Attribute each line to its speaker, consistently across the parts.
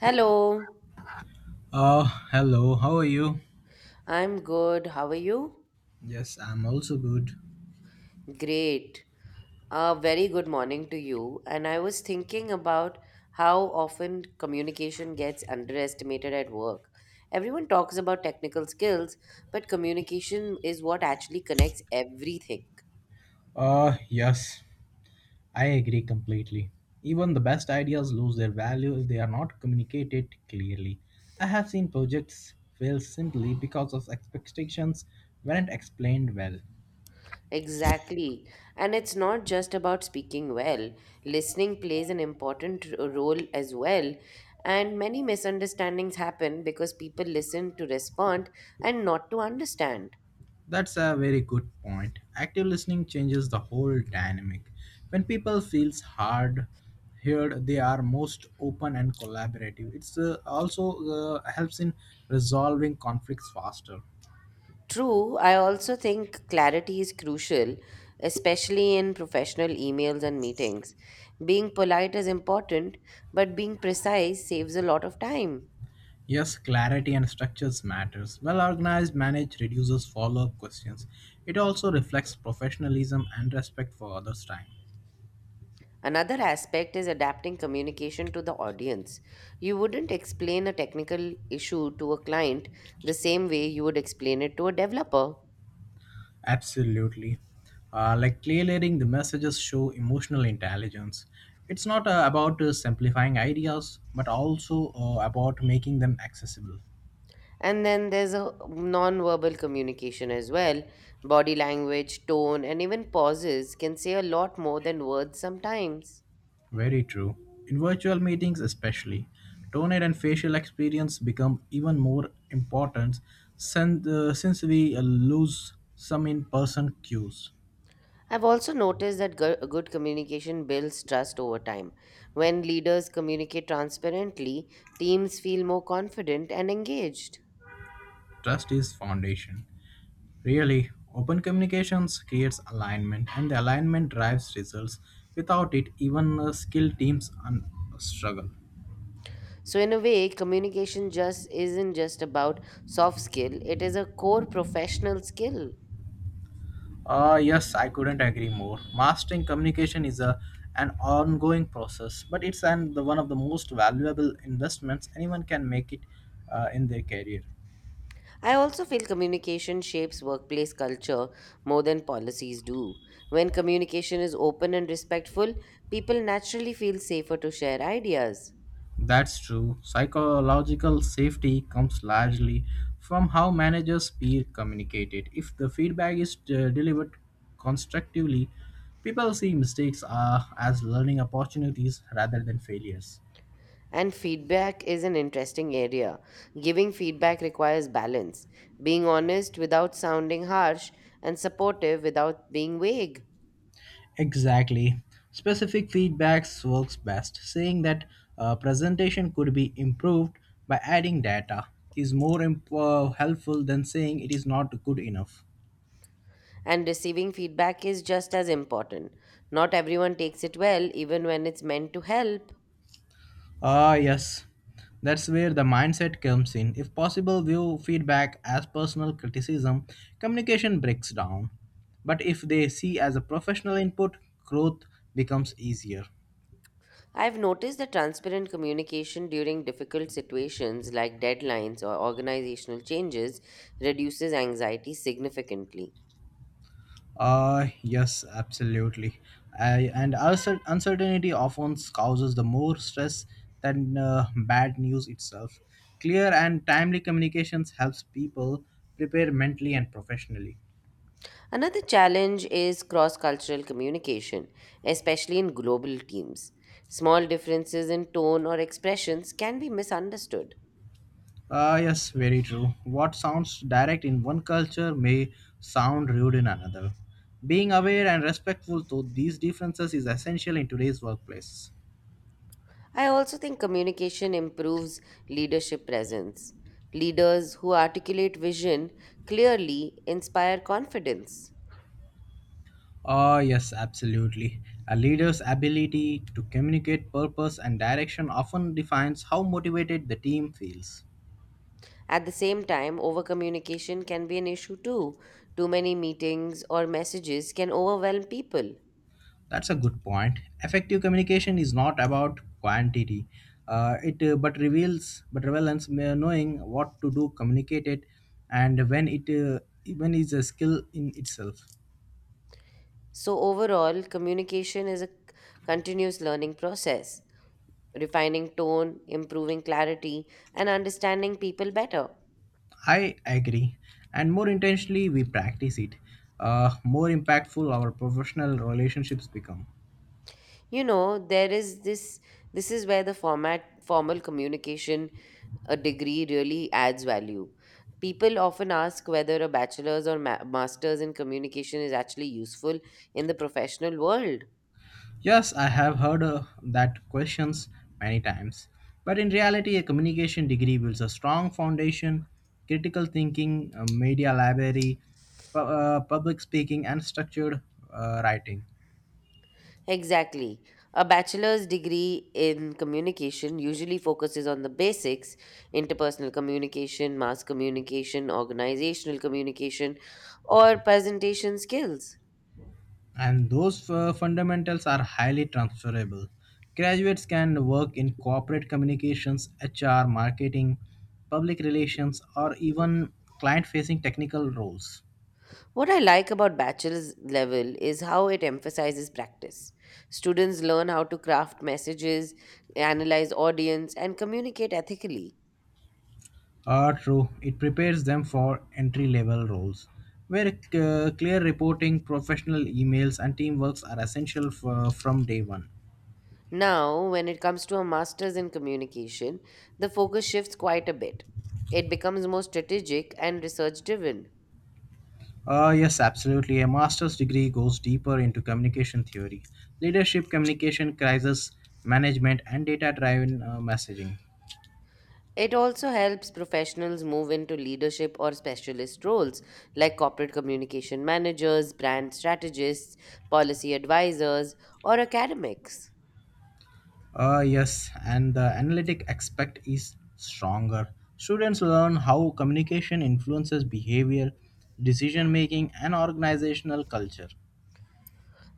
Speaker 1: Hello,
Speaker 2: Uh, Hello, how are you?
Speaker 1: I'm good. How are you?
Speaker 2: Yes, I'm also good.
Speaker 1: Great. A very good morning to you. And I was thinking about how often communication gets underestimated at work. Everyone talks about technical skills, but communication is what actually connects everything.
Speaker 2: Yes, I agree completely. Even the best ideas lose their value if they are not communicated clearly. I have seen projects fail simply because of expectations weren't explained well.
Speaker 1: Exactly. And it's not just about speaking well. Listening plays an important role as well. And many misunderstandings happen because people listen to respond and not to understand.
Speaker 2: That's a very good point. Active listening changes the whole dynamic. When people feels hard heard, they are most open and collaborative. It's also helps in resolving conflicts faster.
Speaker 1: True, I also think clarity is crucial, especially in professional emails and meetings. Being polite is important, but being precise saves a lot of time.
Speaker 2: Yes, clarity and structures matters. Well-organized manage reduces follow-up questions. It also reflects professionalism and respect for others' time.
Speaker 1: Another aspect is adapting communication to the audience. You wouldn't explain a technical issue to a client the same way you would explain it to a developer.
Speaker 2: Absolutely. Like clear layering, the messages show emotional intelligence. It's not about simplifying ideas, but also about making them accessible.
Speaker 1: And then there's a non-verbal communication as well. Body language, tone, and even pauses can say a lot more than words sometimes.
Speaker 2: Very true. In virtual meetings, especially, tone and facial experience become even more important since we lose some in person cues.
Speaker 1: I've also noticed that good communication builds trust over time. When leaders communicate transparently, teams feel more confident and engaged.
Speaker 2: Trust is foundation. Really, open communications creates alignment, and the alignment drives results. Without it, even skilled teams struggle.
Speaker 1: So, in a way, communication just isn't just about soft skill, it is a core professional skill.
Speaker 2: Yes, I couldn't agree more. Mastering communication is a an ongoing process, but it's an, the one of the most valuable investments anyone can make it in their career.
Speaker 1: I also feel communication shapes workplace culture more than policies do. When communication is open and respectful, people naturally feel safer to share ideas.
Speaker 2: That's true. Psychological safety comes largely from how managers peer communicate it. If the feedback is delivered constructively, people see mistakes as learning opportunities rather than failures.
Speaker 1: And feedback is an interesting area. Giving feedback requires balance, being honest without sounding harsh, and supportive without being vague.
Speaker 2: Exactly. Specific feedbacks works best. Saying that a presentation could be improved by adding data is more helpful than saying it is not good enough.
Speaker 1: And receiving feedback is just as important. Not everyone takes it well, even when it's meant to help.
Speaker 2: Ah, yes. That's where the mindset comes in. If possible, view feedback as personal criticism, communication breaks down. But if they see as a professional input, growth becomes easier.
Speaker 1: I've noticed that transparent communication during difficult situations like deadlines or organizational changes reduces anxiety significantly.
Speaker 2: Yes, absolutely. I, and also uncertainty often causes the more stress than bad news itself. Clear and timely communications helps people prepare mentally and professionally.
Speaker 1: Another challenge is cross cultural communication, especially in global teams. Small differences in tone or expressions can be misunderstood.
Speaker 2: Ah, yes, very true. What sounds direct in one culture may sound rude in another. Being aware and respectful to these differences is essential in today's workplace.
Speaker 1: I also think communication improves leadership presence. Leaders who articulate vision clearly inspire confidence.
Speaker 2: Ah, yes, absolutely. A leader's ability to communicate purpose and direction often defines how motivated the team feels.
Speaker 1: At the same time, overcommunication can be an issue too. Too many meetings or messages can overwhelm people.
Speaker 2: That's a good point. Effective communication is not about quantity. It but reveals but relevance knowing what to do, communicate it, and when it even is a skill in itself.
Speaker 1: So, overall, communication is a continuous learning process, refining tone, improving clarity, and understanding people better.
Speaker 2: I agree, and more intentionally we practice it, more impactful our professional relationships become.
Speaker 1: You know, there is this this is where the format formal communication a degree really adds value. People often ask whether a bachelor's or master's in communication is actually useful in the professional world.
Speaker 2: Yes, I have heard that questions many times. But in reality, a communication degree builds a strong foundation, critical thinking, a media library, public speaking, and structured writing.
Speaker 1: Exactly. A bachelor's degree in communication usually focuses on the basics interpersonal communication, mass communication, organizational communication, or presentation skills.
Speaker 2: And those fundamentals are highly transferable. Graduates can work in corporate communications, HR, marketing, public relations, or even client facing technical roles.
Speaker 1: What I like about bachelor's level is how it emphasizes practice. Students learn how to craft messages, analyze audience, and communicate ethically.
Speaker 2: Ah, true. It prepares them for entry level roles where clear reporting, professional emails, and teamworks are essential from day one.
Speaker 1: Now, when it comes to a master's in communication, the focus shifts quite a bit. It becomes more strategic and research driven.
Speaker 2: Ah, yes, absolutely. A master's degree goes deeper into communication theory, leadership, communication, crisis management, and data driven messaging.
Speaker 1: It also helps professionals move into leadership or specialist roles like corporate communication managers, brand strategists, policy advisors, or academics.
Speaker 2: Ah, yes, and the analytic aspect is stronger. Students learn how communication influences behavior, decision making, and organizational culture.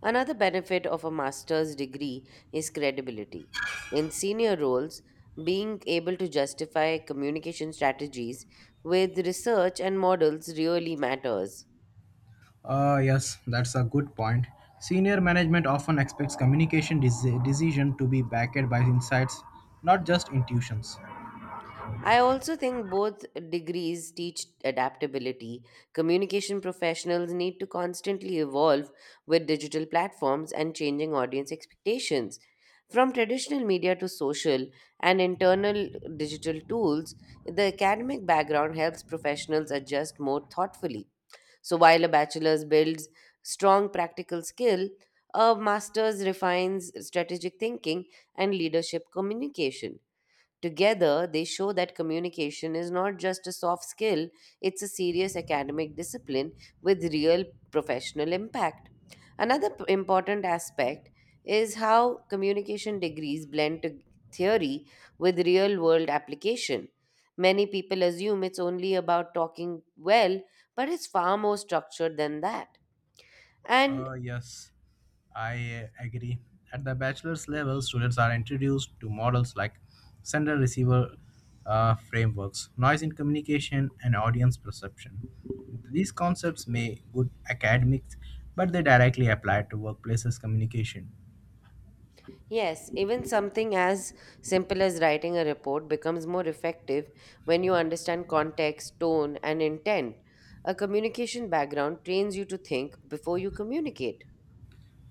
Speaker 1: Another benefit of a master's degree is credibility. In senior roles, being able to justify communication strategies with research and models really matters.
Speaker 2: Yes, that's a good point. Senior management often expects communication decision to be backed by insights, not just intuitions.
Speaker 1: I also think both degrees teach adaptability. Communication professionals need to constantly evolve with digital platforms and changing audience expectations. From traditional media to social and internal digital tools, the academic background helps professionals adjust more thoughtfully. So while a bachelor's builds strong practical skill, a master's refines strategic thinking and leadership communication. Together, they show that communication is not just a soft skill, it's a serious academic discipline with real professional impact. Another important aspect is how communication degrees blend to theory with real world application. Many people assume it's only about talking well, but it's far more structured than that. And.
Speaker 2: Yes, I agree. At the bachelor's level, students are introduced to models like sender receiver frameworks, noise in communication, and audience perception. These concepts may good academics, but they directly apply to workplaces communication.
Speaker 1: Yes, even something as simple as writing a report becomes more effective when you understand context, tone, and intent. A communication background trains you to think before you communicate.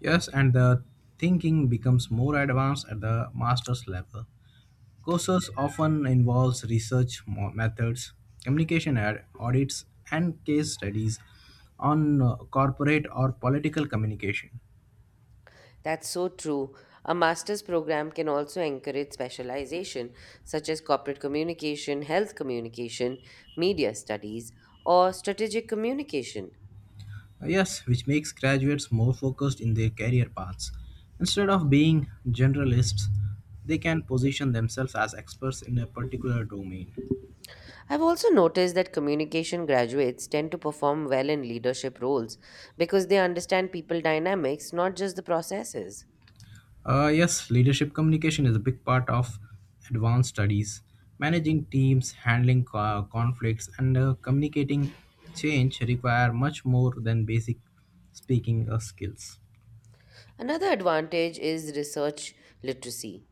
Speaker 2: Yes, and the thinking becomes more advanced at the master's level. Courses often involves research methods, communication audits, and case studies on corporate or political communication.
Speaker 1: That's so true. A master's program can also encourage specialization, such as corporate communication, health communication, media studies, or strategic communication.
Speaker 2: Yes, which makes graduates more focused in their career paths. Instead of being generalists, they can position themselves as experts in a particular domain.
Speaker 1: I've also noticed that communication graduates tend to perform well in leadership roles because they understand people dynamics, not just the processes.
Speaker 2: Yes, leadership communication is a big part of advanced studies. Managing teams, handling conflicts, and communicating change require much more than basic speaking skills.
Speaker 1: Another advantage is research literacy.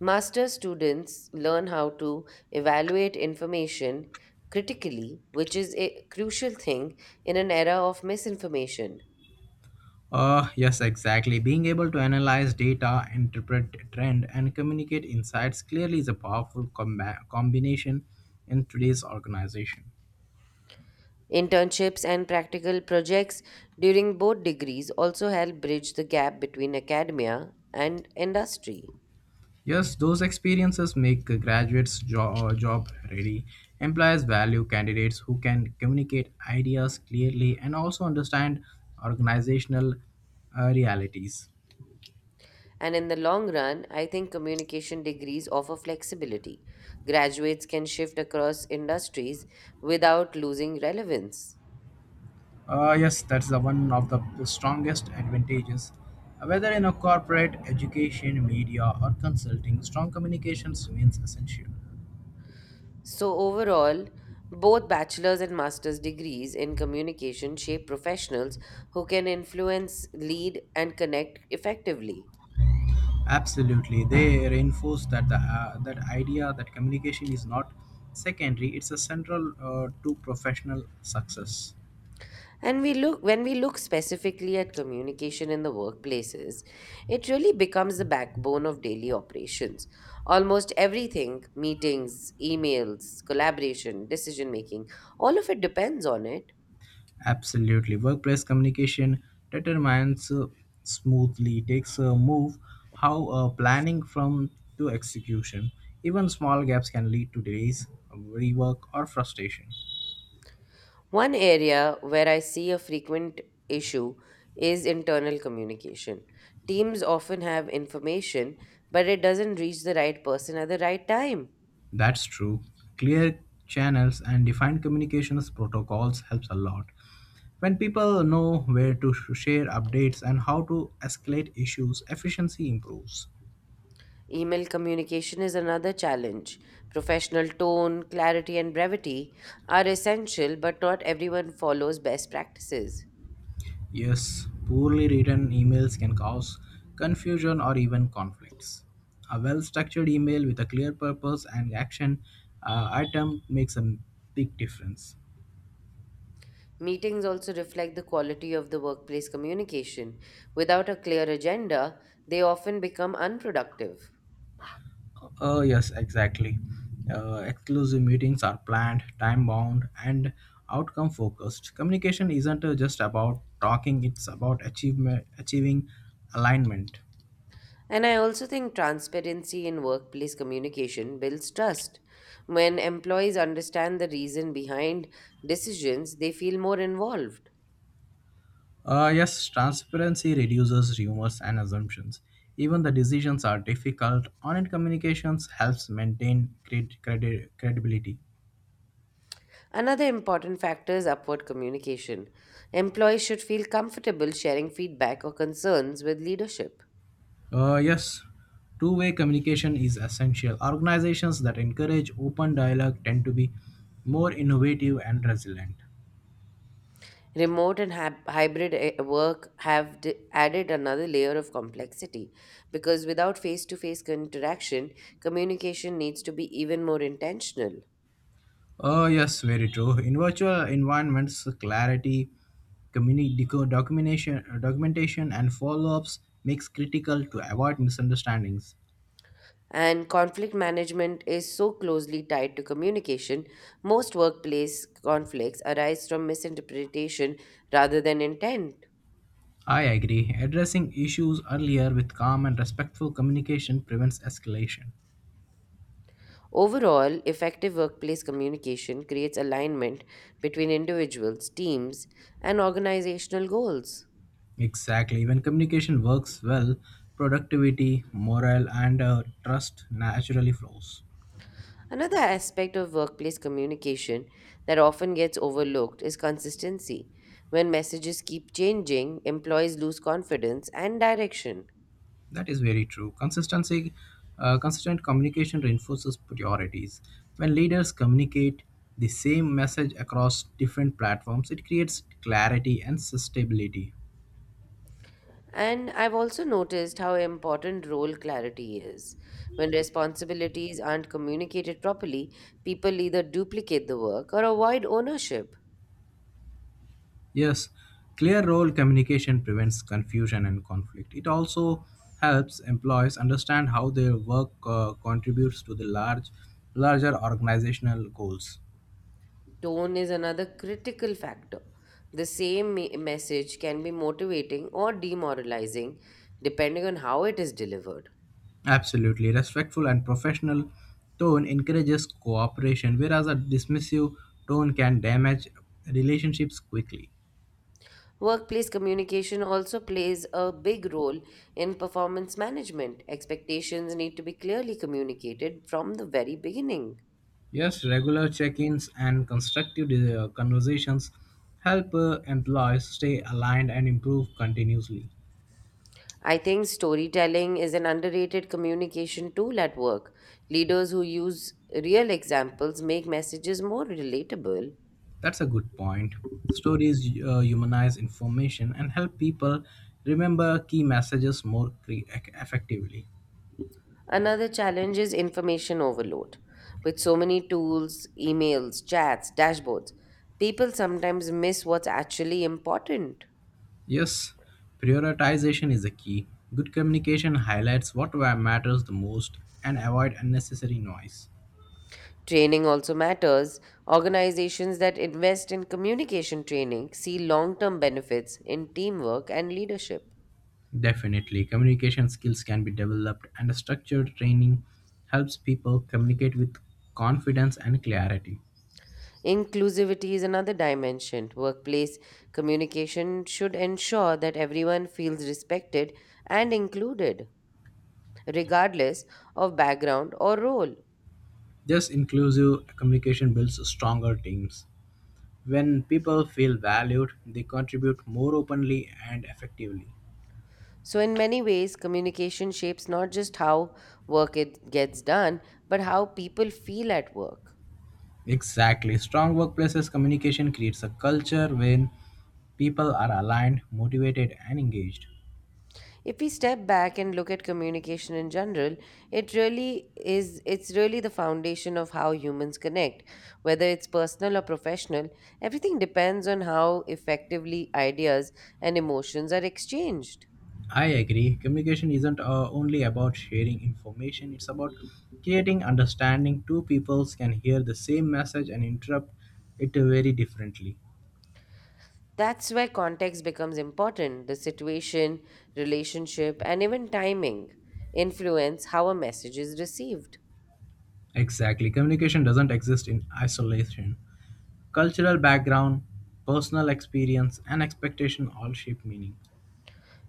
Speaker 1: Master students learn how to evaluate information critically, which is a crucial thing in an era of misinformation.
Speaker 2: Yes, exactly. Being able to analyze data, interpret trend, and communicate insights clearly is a powerful combination in today's organization.
Speaker 1: Internships and practical projects during both degrees also help bridge the gap between academia and industry.
Speaker 2: Yes, those experiences make graduates job ready. Employers value candidates who can communicate ideas clearly and also understand organizational realities.
Speaker 1: And in the long run, I think communication degrees offer flexibility. Graduates can shift across industries without losing relevance.
Speaker 2: Yes, that's the one of the strongest advantages. Whether in a corporate, education, media, or consulting, strong communications remains essential.
Speaker 1: So, overall, both bachelor's and master's degrees in communication shape professionals who can influence, lead, and connect effectively.
Speaker 2: Absolutely, they reinforce that the that idea that communication is not secondary; it's a central to professional success.
Speaker 1: And we look when we look specifically at communication in the workplaces, it really becomes the backbone of daily operations. Almost everything, meetings, emails, collaboration, decision making, all of it depends on it.
Speaker 2: Absolutely, workplace communication determines smoothly takes a move how planning from to execution. Even small gaps can lead to delays, rework, or frustration.
Speaker 1: One area where I see a frequent issue is internal communication. Teams often have information, but it doesn't reach the right person at the right time.
Speaker 2: That's true. Clear channels and defined communications protocols helps a lot. When people know where to share updates and how to escalate issues, efficiency improves.
Speaker 1: Email communication is another challenge. Professional tone, clarity, and brevity are essential, but not everyone follows best practices.
Speaker 2: Yes, poorly written emails can cause confusion or even conflicts. A well structured email with a clear purpose and action item makes a big difference.
Speaker 1: Meetings also reflect the quality of the workplace communication. Without a clear agenda, they often become unproductive.
Speaker 2: Oh, yes, exactly. Exclusive meetings are planned, time bound, and outcome focused. Communication isn't just about talking, it's about achievement, achieving alignment.
Speaker 1: And I also think transparency in workplace communication builds trust. When employees understand the reason behind decisions, they feel more involved.
Speaker 2: Yes, transparency reduces rumors and assumptions. Even the decisions are difficult. Honest communications helps maintain credibility.
Speaker 1: Another important factor is upward communication. Employees should feel comfortable sharing feedback or concerns with leadership.
Speaker 2: Yes, two-way communication is essential. Organizations that encourage open dialogue tend to be more innovative and resilient.
Speaker 1: Remote and hybrid work have added another layer of complexity because without face to face interaction, communication needs to be even more intentional.
Speaker 2: Yes, very true. In virtual environments, clarity, documentation, and follow-ups makes critical to avoid misunderstandings.
Speaker 1: And conflict management is so closely tied to communication, most workplace conflicts arise from misinterpretation rather than intent.
Speaker 2: I agree. Addressing issues earlier with calm and respectful communication prevents escalation.
Speaker 1: Overall, effective workplace communication creates alignment between individuals, teams, and organizational goals.
Speaker 2: Exactly. When communication works well, productivity, morale, and trust naturally flows.
Speaker 1: Another aspect of workplace communication that often gets overlooked is consistency. When messages keep changing, employees lose confidence and direction.
Speaker 2: That is very true. Consistency, consistent communication reinforces priorities. When leaders communicate the same message across different platforms, it creates clarity and sustainability.
Speaker 1: And I've also noticed how important role clarity is. When responsibilities aren't communicated properly, people either duplicate the work or avoid ownership.
Speaker 2: Yes, clear role communication prevents confusion and conflict. It also helps employees understand how their work contributes to the larger organizational goals.
Speaker 1: Tone is another critical factor. The same message can be motivating or demoralizing depending on how it is delivered.
Speaker 2: Absolutely, respectful and professional tone encourages cooperation, whereas a dismissive tone can damage relationships quickly.
Speaker 1: Workplace communication also plays a big role in performance management. Expectations need to be clearly communicated from the very beginning.
Speaker 2: Yes, regular check-ins and constructive conversations help employees stay aligned and improve continuously.
Speaker 1: I think storytelling is an underrated communication tool at work. Leaders who use real examples make messages more relatable.
Speaker 2: That's a good point. Stories humanize information and help people remember key messages more effectively.
Speaker 1: Another challenge is information overload. With so many tools, emails, chats, dashboards, people sometimes miss what's actually important.
Speaker 2: Yes, prioritization is a key. Good communication highlights what matters the most and avoid unnecessary noise.
Speaker 1: Training also matters. Organizations that invest in communication training see long term benefits in teamwork and leadership.
Speaker 2: Definitely, communication skills can be developed and a structured training helps people communicate with confidence and clarity.
Speaker 1: Inclusivity is another dimension. Workplace communication should ensure that everyone feels respected and included, regardless of background or role.
Speaker 2: This inclusive communication builds stronger teams. When people feel valued, they contribute more openly and effectively.
Speaker 1: So, in many ways, communication shapes not just how work it gets done, but how people feel at work.
Speaker 2: Exactly. Strong workplaces communication creates a culture when people are aligned, motivated, and engaged.
Speaker 1: If we step back and look at communication in general, it's really the foundation of how humans connect. Whether it's personal or professional, everything depends on how effectively ideas and emotions are exchanged.
Speaker 2: I agree. Communication isn't only about sharing information, it's about creating understanding. Two peoples can hear the same message and interpret it very differently.
Speaker 1: That's where context becomes important. The situation, relationship, and even timing influence how a message is received.
Speaker 2: Exactly. Communication doesn't exist in isolation. Cultural background, personal experience, and expectation all shape meaning.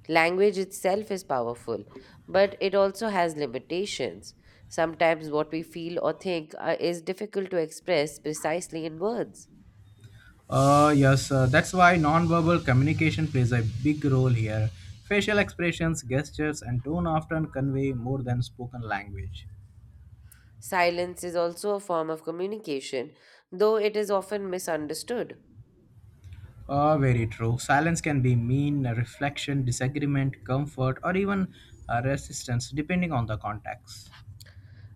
Speaker 1: Language itself is powerful, but it also has limitations. Sometimes what we feel or think is difficult to express precisely in words.
Speaker 2: Yes, that's why nonverbal communication plays a big role here. Facial expressions, gestures, and tone often convey more than spoken language.
Speaker 1: Silence is also a form of communication, though it is often misunderstood.
Speaker 2: Oh, very true. Silence can be mean, reflection, disagreement, comfort, or even resistance, depending on the context.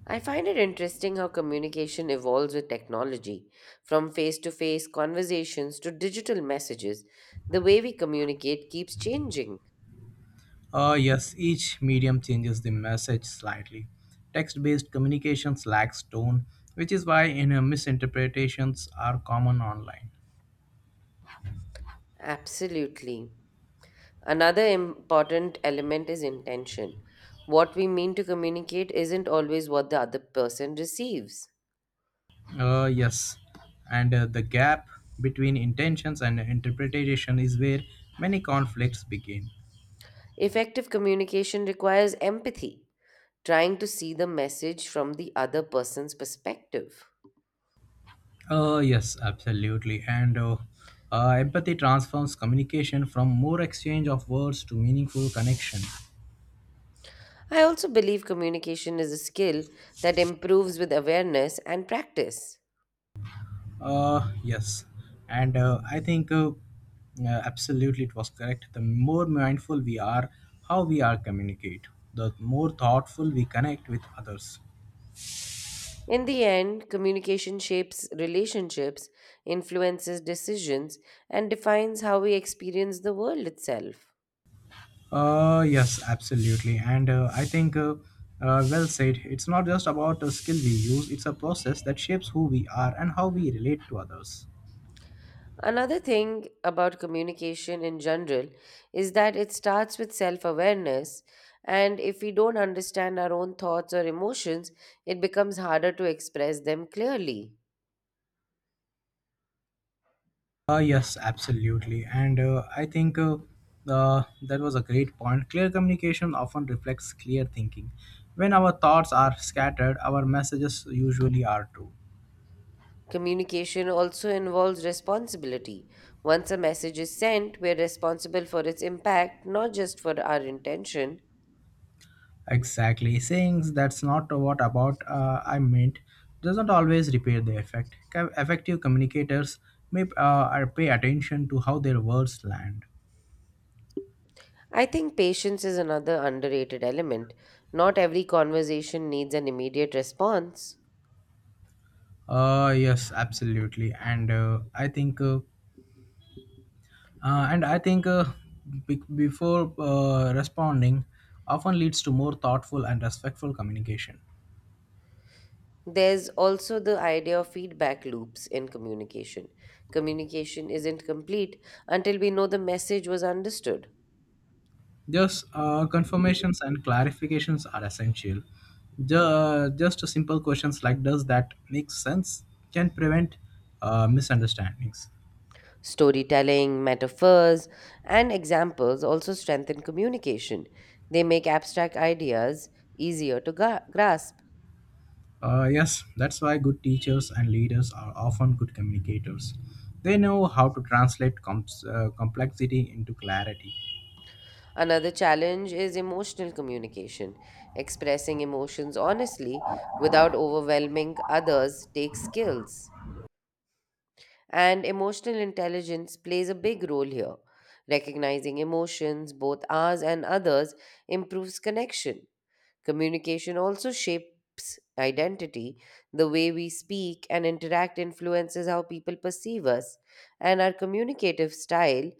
Speaker 1: I find it interesting how communication evolves with technology, from face to face conversations to digital messages. The way we communicate keeps changing.
Speaker 2: Yes, each medium changes the message slightly. Text based communications lacks tone, which is why misinterpretations are common online.
Speaker 1: Absolutely. Another important element is intention. What we mean to communicate isn't always what the other person receives.
Speaker 2: Yes, and the gap between intentions and interpretation is where many conflicts begin.
Speaker 1: Effective communication requires empathy, trying to see the message from the other person's perspective.
Speaker 2: Yes, absolutely. And empathy transforms communication from more exchange of words to meaningful connection.
Speaker 1: I also believe communication is a skill that improves with awareness and practice.
Speaker 2: Yes, and I think absolutely it was correct. The more mindful we are, how we are communicate, the more thoughtful we connect with others.
Speaker 1: In the end, communication shapes relationships, influences decisions, and defines how we experience the world itself.
Speaker 2: Yes, absolutely, and I think well said. It's not just about a skill we use; it's a process that shapes who we are and how we relate to others.
Speaker 1: Another thing about communication in general is that it starts with self awareness, and if we don't understand our own thoughts or emotions, it becomes harder to express them clearly.
Speaker 2: Yes, absolutely. And I think that was a great point. Clear communication often reflects clear thinking. When our thoughts are scattered, our messages usually are too.
Speaker 1: Communication also involves responsibility. Once a message is sent, we're responsible for its impact, not just for our intention.
Speaker 2: Exactly. Saying that's not what about I meant doesn't always repair the effect. Effective communicators may are pay attention to how their words land.
Speaker 1: I think patience is another underrated element. Not every conversation needs an immediate response.
Speaker 2: Yes, absolutely. And I think. And I think be- before responding often leads to more thoughtful and respectful communication.
Speaker 1: There's also the idea of feedback loops in communication. Communication isn't complete until we know the message was understood.
Speaker 2: Just confirmations and clarifications are essential. Ju- just simple questions like "Does that make sense?" can prevent misunderstandings.
Speaker 1: Storytelling, metaphors, and examples also strengthen communication. They make abstract ideas easier to grasp.
Speaker 2: Yes, that's why good teachers and leaders are often good communicators. They know how to translate complexity into clarity.
Speaker 1: Another challenge is emotional communication. Expressing emotions honestly without overwhelming others takes skills. And emotional intelligence plays a big role here. Recognizing emotions, both ours and others, improves connection. Communication also shapes identity. The way we speak and interact influences how people perceive us, and our communicative style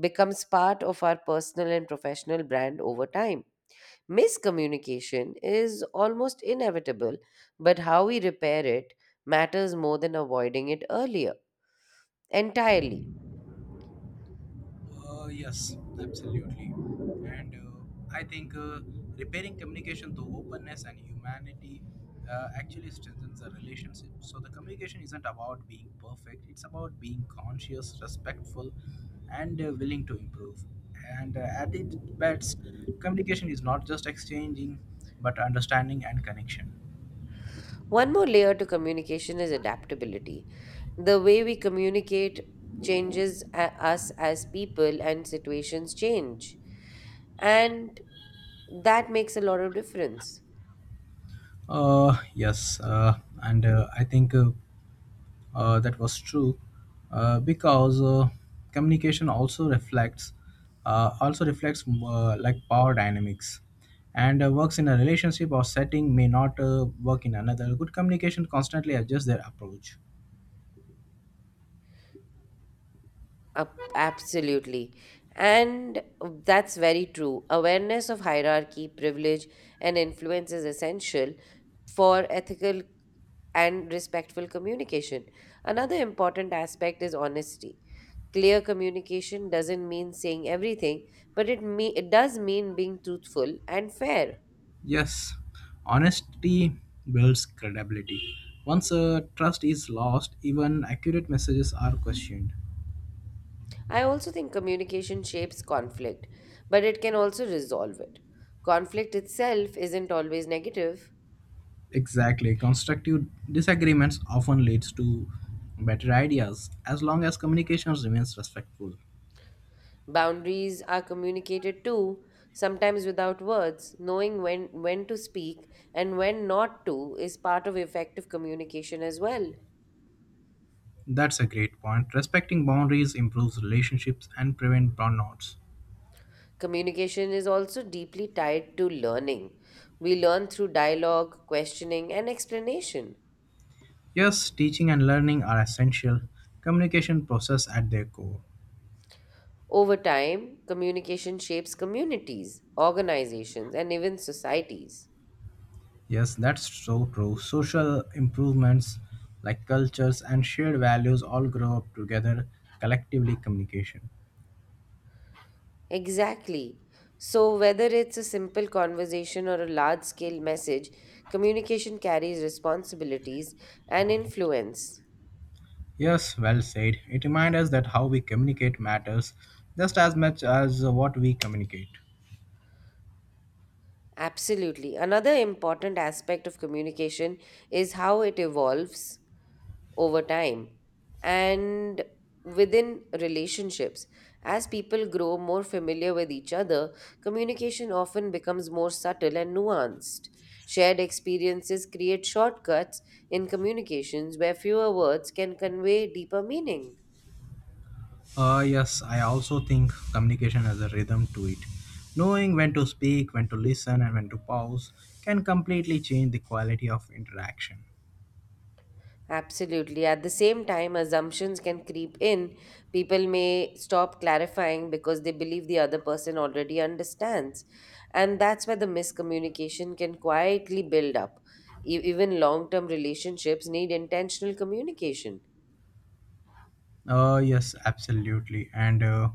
Speaker 1: becomes part of our personal and professional brand over time. Miscommunication is almost inevitable, but how we repair it matters more than avoiding it earlier entirely.
Speaker 2: Yes, absolutely. And I think repairing communication through openness and humanity actually strengthens the relationship. So the communication isn't about being perfect, it's about being conscious, respectful, and willing to improve. And At its best, communication is not just exchanging, but understanding and connection.
Speaker 1: One more layer to communication is adaptability. The way we communicate changes us as people, and situations change. And that makes a lot of difference.
Speaker 2: Yes, and I think that was true because communication also reflects like power dynamics and works in a relationship or setting may not work in another good communication constantly adjusts their approach.
Speaker 1: Absolutely. And that's very true. Awareness of hierarchy, privilege, and influence is essential for ethical and respectful communication. Another important aspect is honesty. Clear communication doesn't mean saying everything, but it does mean being truthful and fair.
Speaker 2: Yes, honesty builds credibility. Once trust is lost, even accurate messages are questioned.
Speaker 1: I also think communication shapes conflict, but it can also resolve it. Conflict itself isn't always negative.
Speaker 2: Exactly. Constructive disagreements often leads to better ideas as long as communication remains respectful.
Speaker 1: Boundaries are communicated too, sometimes without words. Knowing when to speak and when not to is part of effective communication as well.
Speaker 2: That's a great point. Respecting boundaries improves relationships and prevent burnouts.
Speaker 1: Communication is also deeply tied to learning. We learn through dialogue, questioning, and explanation.
Speaker 2: Yes, teaching and learning are essential communication process at their core.
Speaker 1: Over time, communication shapes communities, organizations, and even societies.
Speaker 2: Yes, that's so true. Social improvements like cultures and shared values all grow up together collectively communication.
Speaker 1: Exactly. So, whether it's a simple conversation or a large scale message, communication carries responsibilities and influence.
Speaker 2: Yes, well said. It reminds us that how we communicate matters just as much as what we communicate.
Speaker 1: Absolutely. Another important aspect of communication is how it evolves over time and within relationships. As people grow more familiar with each other, communication often becomes more subtle and nuanced. Shared experiences create shortcuts in communications where fewer words can convey deeper meaning.
Speaker 2: Yes, I also think communication has a rhythm to it. Knowing when to speak, when to listen, and when to pause can completely change the quality of interaction.
Speaker 1: Absolutely. At the same time, assumptions can creep in. People may stop clarifying because they believe the other person already understands. And that's where the miscommunication can quietly build up. Even long term relationships need intentional communication.
Speaker 2: Yes, absolutely,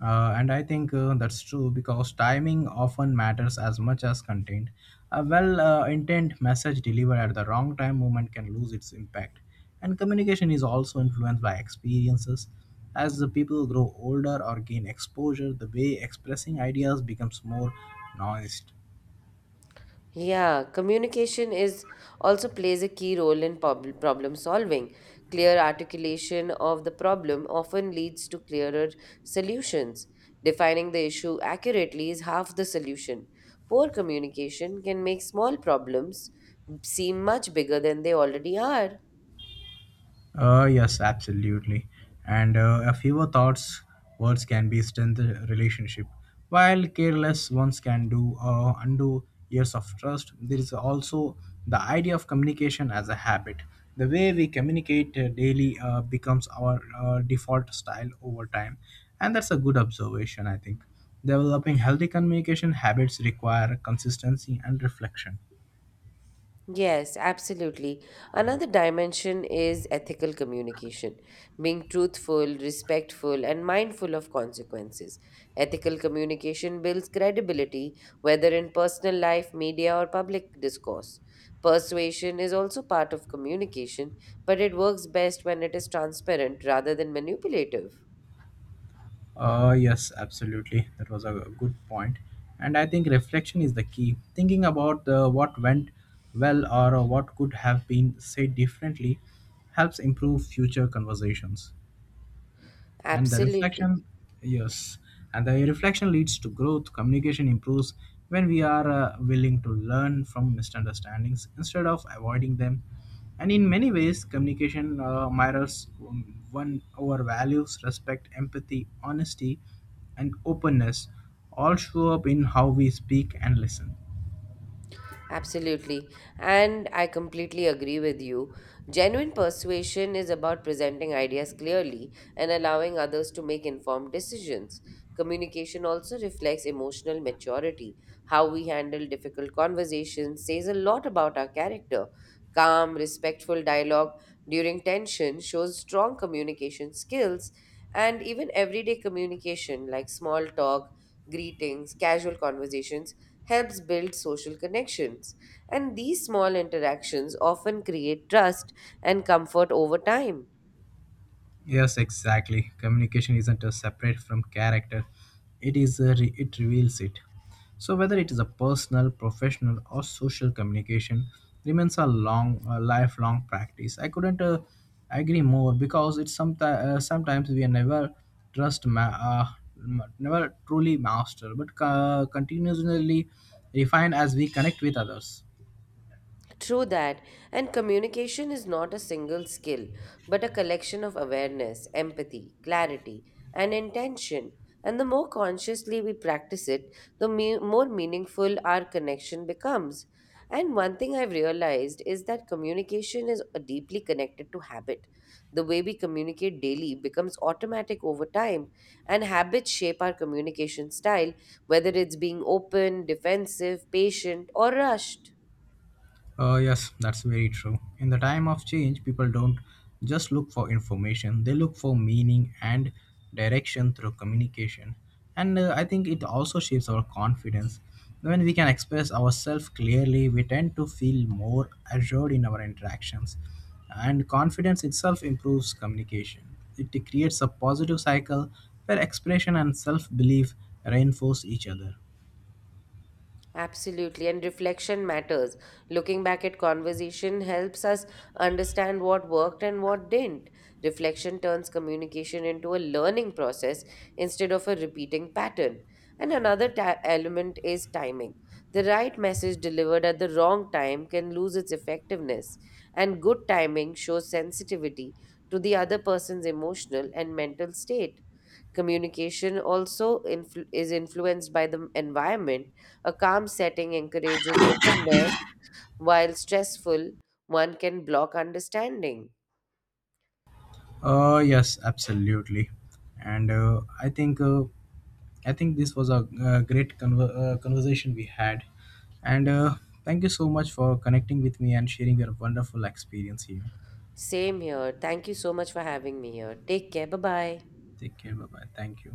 Speaker 2: and I think that's true because timing often matters as much as content. A well intent message delivered at the wrong time moment can lose its impact, and communication is also influenced by experiences. As the people grow older or gain exposure, the way expressing ideas becomes more nuanced.
Speaker 1: Yeah, communication is also plays a key role in problem solving. Clear articulation of the problem often leads to clearer solutions. Defining the issue accurately is half the solution. Poor communication can make small problems seem much bigger than they already are.
Speaker 2: Yes, absolutely. And A fewer thoughts, words can be strengthen relationship, while careless ones can do undo years of trust. There is also the idea of communication as a habit. The way we communicate daily becomes our default style over time, and that's a good observation, I think. Developing healthy communication habits require consistency and reflection.
Speaker 1: Yes, absolutely. Another dimension is ethical communication, being truthful, respectful, and mindful of consequences. Ethical communication builds credibility, whether in personal life, media, or public discourse. Persuasion is also part of communication, but it works best when it is transparent rather than manipulative.
Speaker 2: Yes, absolutely. That was a good point. And I think reflection is the key. Thinking about what went well or what could have been said differently helps improve future conversations, and the reflection.
Speaker 1: Absolutely.
Speaker 2: Yes, and the reflection leads to growth. Communication improves when we are willing to learn from misunderstandings instead of avoiding them, and in many ways communication mirrors one our values: respect, empathy, honesty, and openness all show up in how we speak and listen.
Speaker 1: Absolutely. And I completely agree with you. Genuine persuasion is about presenting ideas clearly and allowing others to make informed decisions. Communication also reflects emotional maturity. How we handle difficult conversations says a lot about our character. Calm, respectful dialogue during tension shows strong communication skills, and even everyday communication like small talk, greetings, casual conversations helps build social connections. And these small interactions often create trust and comfort over time.
Speaker 2: Yes, exactly. Communication isn't a separate from character. It is a it reveals it. So whether it is a personal, professional, or social communication remains a lifelong practice. I couldn't agree more because it's sometimes sometimes we never trust never truly master, but continuously refine as we connect with others.
Speaker 1: True that. And communication is not a single skill, but a collection of awareness, empathy, clarity, and intention. And the more consciously we practice it, the more meaningful our connection becomes. And one thing I've realized is that communication is deeply connected to habit. The way we communicate daily becomes automatic over time, and habits shape our communication style, whether it's being open, defensive, patient, or rushed.
Speaker 2: Yes, that's very true. In the time of change, people don't just look for information, they look for meaning and direction through communication. And I think it also shapes our confidence. When we can express ourselves clearly, we tend to feel more assured in our interactions. And confidence itself improves communication. It creates a positive cycle where expression and self belief reinforce each other.
Speaker 1: Absolutely, and reflection matters. Looking back at conversation helps us understand what worked and what didn't. Reflection turns communication into a learning process instead of a repeating pattern. And another element is timing. The right message delivered at the wrong time can lose its effectiveness, and good timing shows sensitivity to the other person's emotional and mental state. Communication also is influenced by the environment. A calm setting encourages openness, while stressful one can block understanding.
Speaker 2: Yes, absolutely. And I think this was a, great conversation we had. And Thank you so much for connecting with me and sharing your wonderful experience here.
Speaker 1: Same here. Thank you so much for having me here. Take care. Bye bye.
Speaker 2: Take care. Bye bye. Thank you.